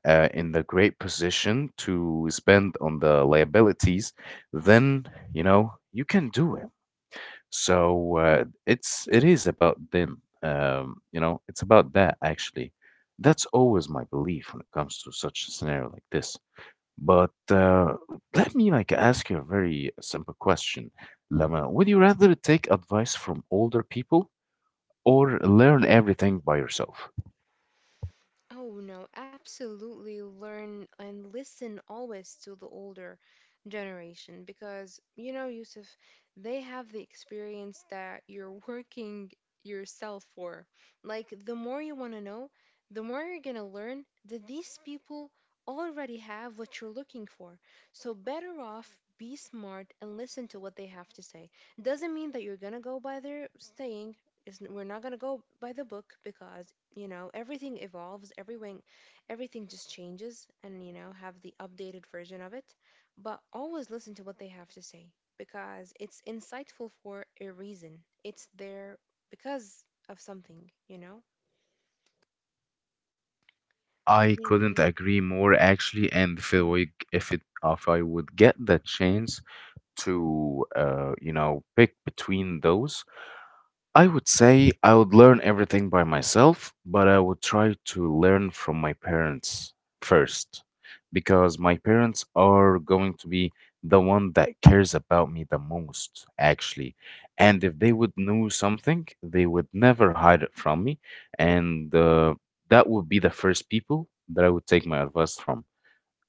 S1: in the great position to spend on the liabilities, then, you know, you can do it. So it is about them. You know, it's about that actually. That's always my belief when it comes to such a scenario like this. But let me like ask you a very simple question, Lama. Would you rather take advice from older people or learn everything by yourself?
S2: Oh no, absolutely learn and listen always to the older generation, because you know, Yusuf, they have the experience that you're working yourself for. Like the more you want to know, the more you're going to learn that these people already have what you're looking for. So better off be smart and listen to what they have to say. Doesn't mean that you're going to go by their saying. Is we're not going to go by the book, because you know everything evolves, everything, everything just changes, and you know have the updated version of it. But always listen to what they have to say, because it's insightful for a reason. It's there because of something, you know.
S1: I couldn't
S2: In
S1: agree more actually, and
S2: Mhm.
S1: if it if I would get the chance to you know pick between those, I would say I would learn everything by myself, but I would try to learn from my parents first because my parents are going to be the one that cares about me the most, actually. And if they would know something, they would never hide it from me. And that would be the first people that I would take my advice from,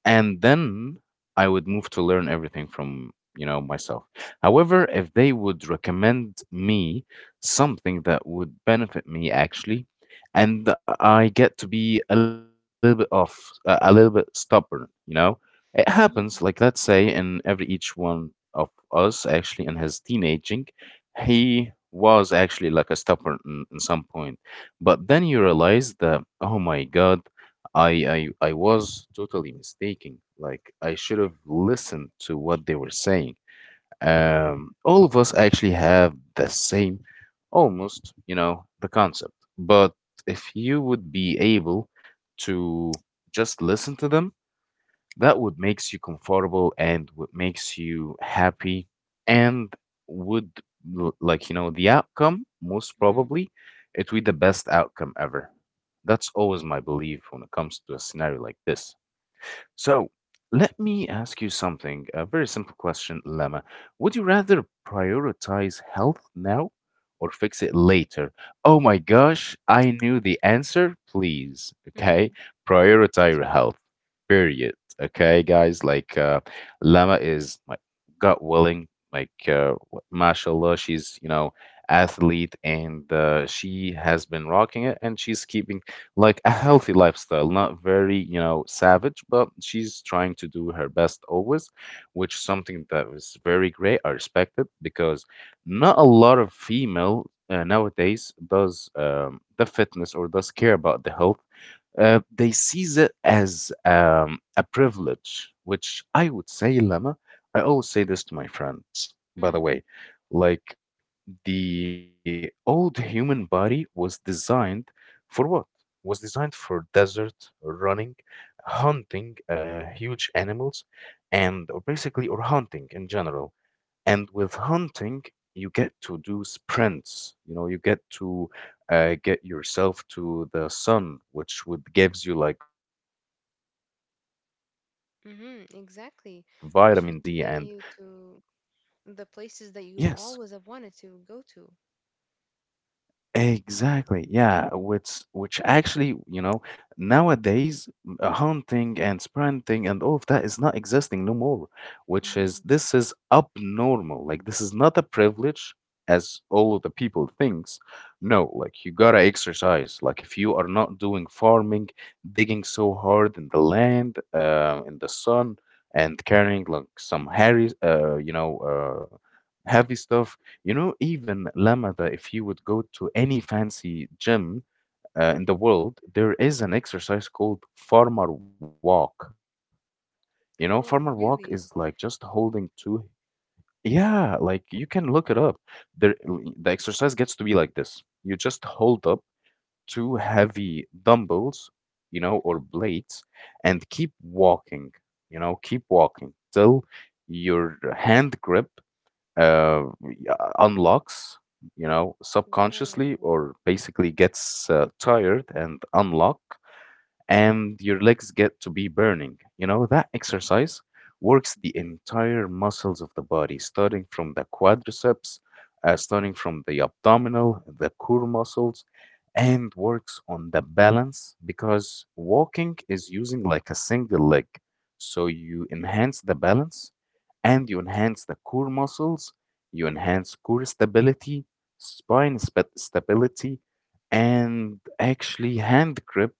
S1: and then I would move to learn everything from, you know, myself. However, if they would recommend me something that would benefit me actually, and I get to be a little bit off, a little bit stubborn, you know, it happens. Like let's
S2: Mhm.
S1: say in every each one of us actually in his teenaging, he was actually like a stubborn in some point, but then you realize that oh my god, I I was totally mistaken. Like I should have listened to what they were saying. All of us actually have the same, almost, you know, the concept. But if you would be able to just listen to them, that what makes you comfortable and what makes you happy, and would like you know the outcome, most
S2: Mhm.
S1: probably it would be the best outcome ever. That's always my belief when it comes to a scenario like this. So let me ask you something, a very simple question, Lama. Would you rather prioritize health now or fix it later? Oh my gosh, I knew the answer. Please, okay?
S2: Mhm.
S1: Prioritize your
S2: so-
S1: health, period. Okay, guys, like Lama is like God willing, like mashallah, she's, you know, athlete and she has been rocking it and she's keeping like a healthy lifestyle, not very, you know, savage, but she's trying to do her best always, which is something that is very great. I respect it because not a lot of female nowadays does the fitness or does care about the health. They see it as a privilege, which I would say, Lama, I always say this to my friends, by the
S2: mm.
S1: way, like the old human body was designed for what? Was designed for desert, running, hunting huge animals, and or basically, or hunting in general. And with hunting, you get to do sprints. You know, you get to get yourself to the sun, which would gives you like
S2: Mhm, exactly. Which would
S1: vitamin
S2: get
S1: D
S2: you
S1: and
S2: to
S1: good bone density.
S2: the places that you
S1: Nowadays,
S2: always have wanted to go to.
S1: yes, exactly. Yeah, which actually, you know, nowadays hunting and sprinting and all of that is not existing no more, which
S2: Hmm.
S1: is this is abnormal. Like this is not a privilege as all of the people thinks. No, like you gotta exercise. Like if you are not doing farming, digging so hard in the land, in the sun, and carrying like some hairy, you know, heavy stuff, you know, even Lamada, if you would go to any fancy gym in the world, there is an exercise called farmer walk. You know, farmer walk is like
S2: Whoa,
S1: just
S2: really?
S1: holding two. Yeah, like you can look it up. There, the exercise gets to be like this. You just hold up two heavy dumbbells, you know,
S2: Hmm.
S1: or plates, and keep walking, you know, keep walking till your hand grip uh, yeah, unlocks, you know, subconsciously
S2: Whoa.
S1: or basically gets tired and unlock, and your legs get to be burning. You know, that exercise works the entire muscles of the body, starting from the quadriceps, starting from the abdominal, the core muscles, and works on the balance because walking is using like a single leg. So you enhance the balance and you enhance the core muscles, you enhance core stability, stability, and actually hand grip,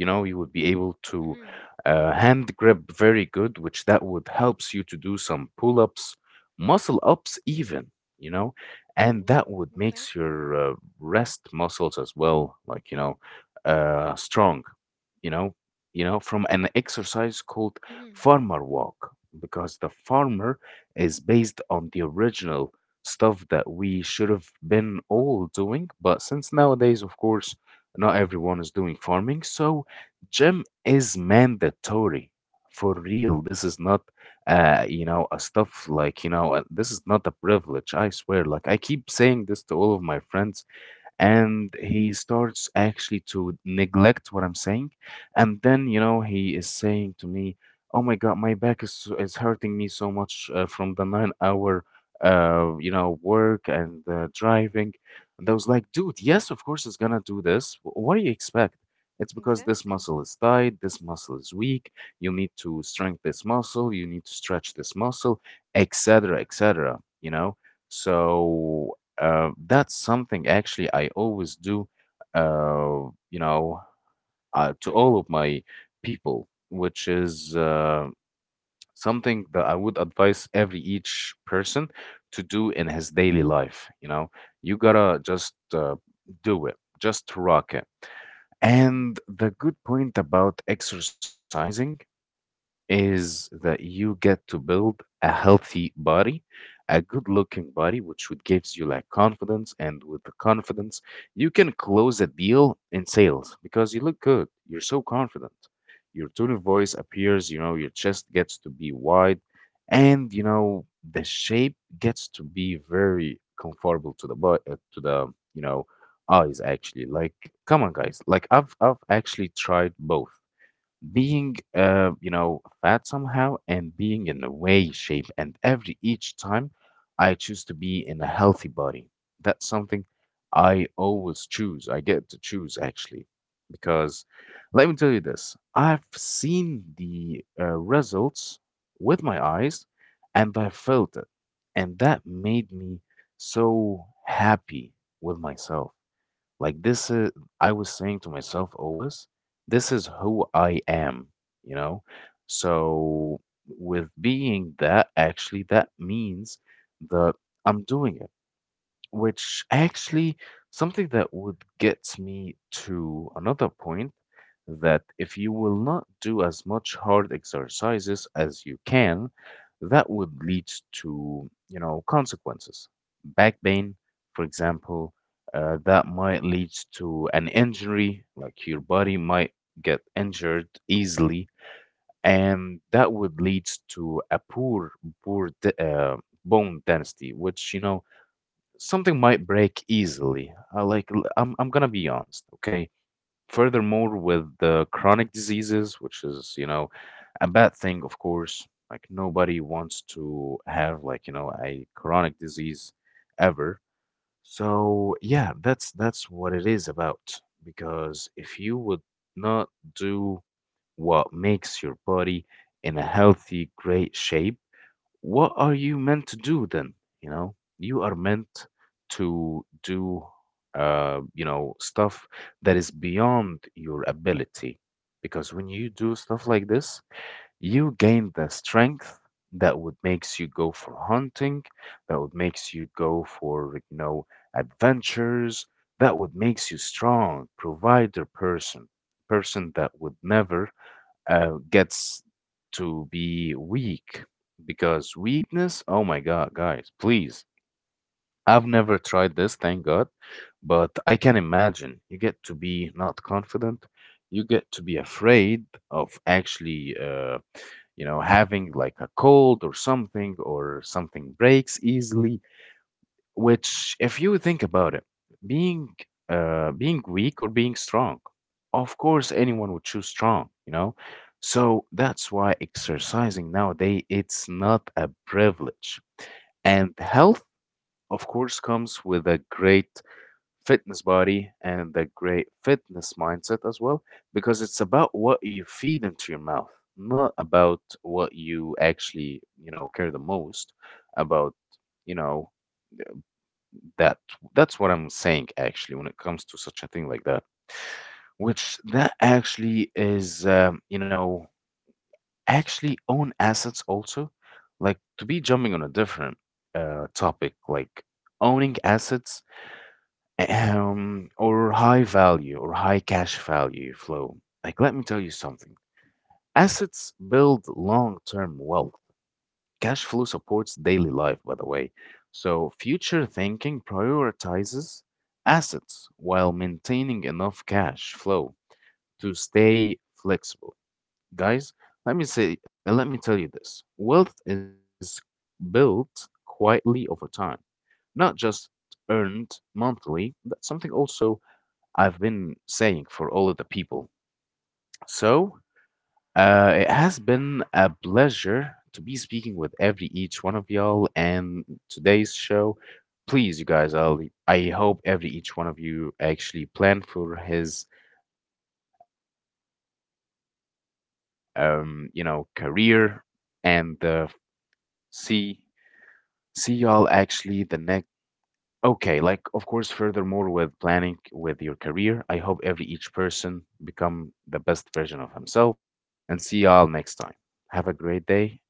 S1: you know, you would be able to hand grip very good, which that would helps you to do some pull-ups, muscle ups even, you know, and
S2: Wow,
S1: that would
S2: okay.
S1: makes your rest muscles as well, like you know, strong, you know, you know, from an exercise called
S2: Mhm.
S1: farmer walk because the farmer is based on the original stuff that we should have been all doing, but since nowadays of course not everyone is doing farming, so gym is mandatory for real. This is not, you know, a stuff like, you know, this is not a privilege. I swear. Like, I keep saying this to all of my friends and
S2: Mm.
S1: he starts actually to neglect what I'm saying. And then, you know, he is saying to me, "Oh my God, my back is hurting me so much from the 9 hour, you know, work and driving." And I was like, "Dude, yes, of course it's gonna do this. What do you expect?" It's because this
S2: Exactly.
S1: muscle is tight, this muscle is weak. You need to strengthen this muscle, you need to stretch this muscle, etc., etc. You know, so that's something actually I always do, you know, to
S2: Mhm.
S1: all of my people, which is something that I would advise every each person to do in his daily life. You know, you gotta just do it, just rock it.
S2: Mhm.
S1: And the good point about exercising is that you get to build a healthy body, a good looking body, which would gives you like confidence. And with the confidence, you can close a deal in sales because you look good. You're so confident. Your tone of voice appears, you know, your chest gets to be wide and, you know, the shape gets to be very comfortable to the body, to the, you know, eyes actually. Like, come on guys, like I've actually tried both being you know fat somehow and being in a way shape, and every each time I choose to be in a healthy body. That's something I always choose, I get to choose actually, because let me tell you this, I've seen the results with my eyes and I felt it, and that made me so happy with myself. Like this is, I was saying to myself always, this is who I am, you know? So with being that, actually, that means that I'm doing it. Which actually something that would get me to another point, that if you will not do as much hard exercises as you can, that would lead to, you know, consequences. Back pain, for example, that might lead to an injury, like your body might get injured easily, and that would lead to a poor, poor de- uh, bone density, which, you know, something might break easily. I'm gonna be honest, okay? Furthermore, with the chronic diseases, which is, you know, a bad thing, of course. Like nobody wants to have like, you know, a chronic disease ever. So yeah, that's what it is about. Because if you would not do what makes your body in a healthy, great shape, what are you meant to do then? You know, you are meant to do, you know, stuff that is beyond your ability. Because when you do stuff like this, you gain the strength that would makes you go for hunting, that would makes you go for, you know, adventures, that would makes you strong, provider person, person that would never gets to be weak because weakness, oh my God, guys, please. I've never tried this, thank God, but I can imagine you get to be not confident, you get to be afraid of actually, you know, having like a cold or something breaks easily, which, if you think about it, being being weak or being strong, of course, anyone would choose strong, you know. So that's why exercising nowadays it's not a privilege. And health, of course, comes with a great fitness body and a great fitness mindset as well, because it's about what you feed into your mouth, not about what you actually, you know, care the most about, you know, that that's what I'm saying actually when it comes to such a thing like that. Which that actually is, you know, actually own assets also. Like to be jumping on a different topic, like owning assets, or high value or high cash value flow. Like let me tell you something. Assets build long-term wealth. Cash flow supports daily life, by the way. So, future thinking prioritizes assets while maintaining enough cash flow to stay flexible. Guys, let me say, let me tell you this. Wealth is built quietly over time, not just earned monthly. That's something also I've been saying for all of the people. So, it has been a pleasure to be speaking with every each one of y'all and today's show. Please, you guys, I hope every each one of you actually plan for his, you know, career and see y'all actually the next. Okay, like of course, furthermore with planning with your career, I hope every each person become the best version of himself, and see y'all next time. Have a great day and bye bye.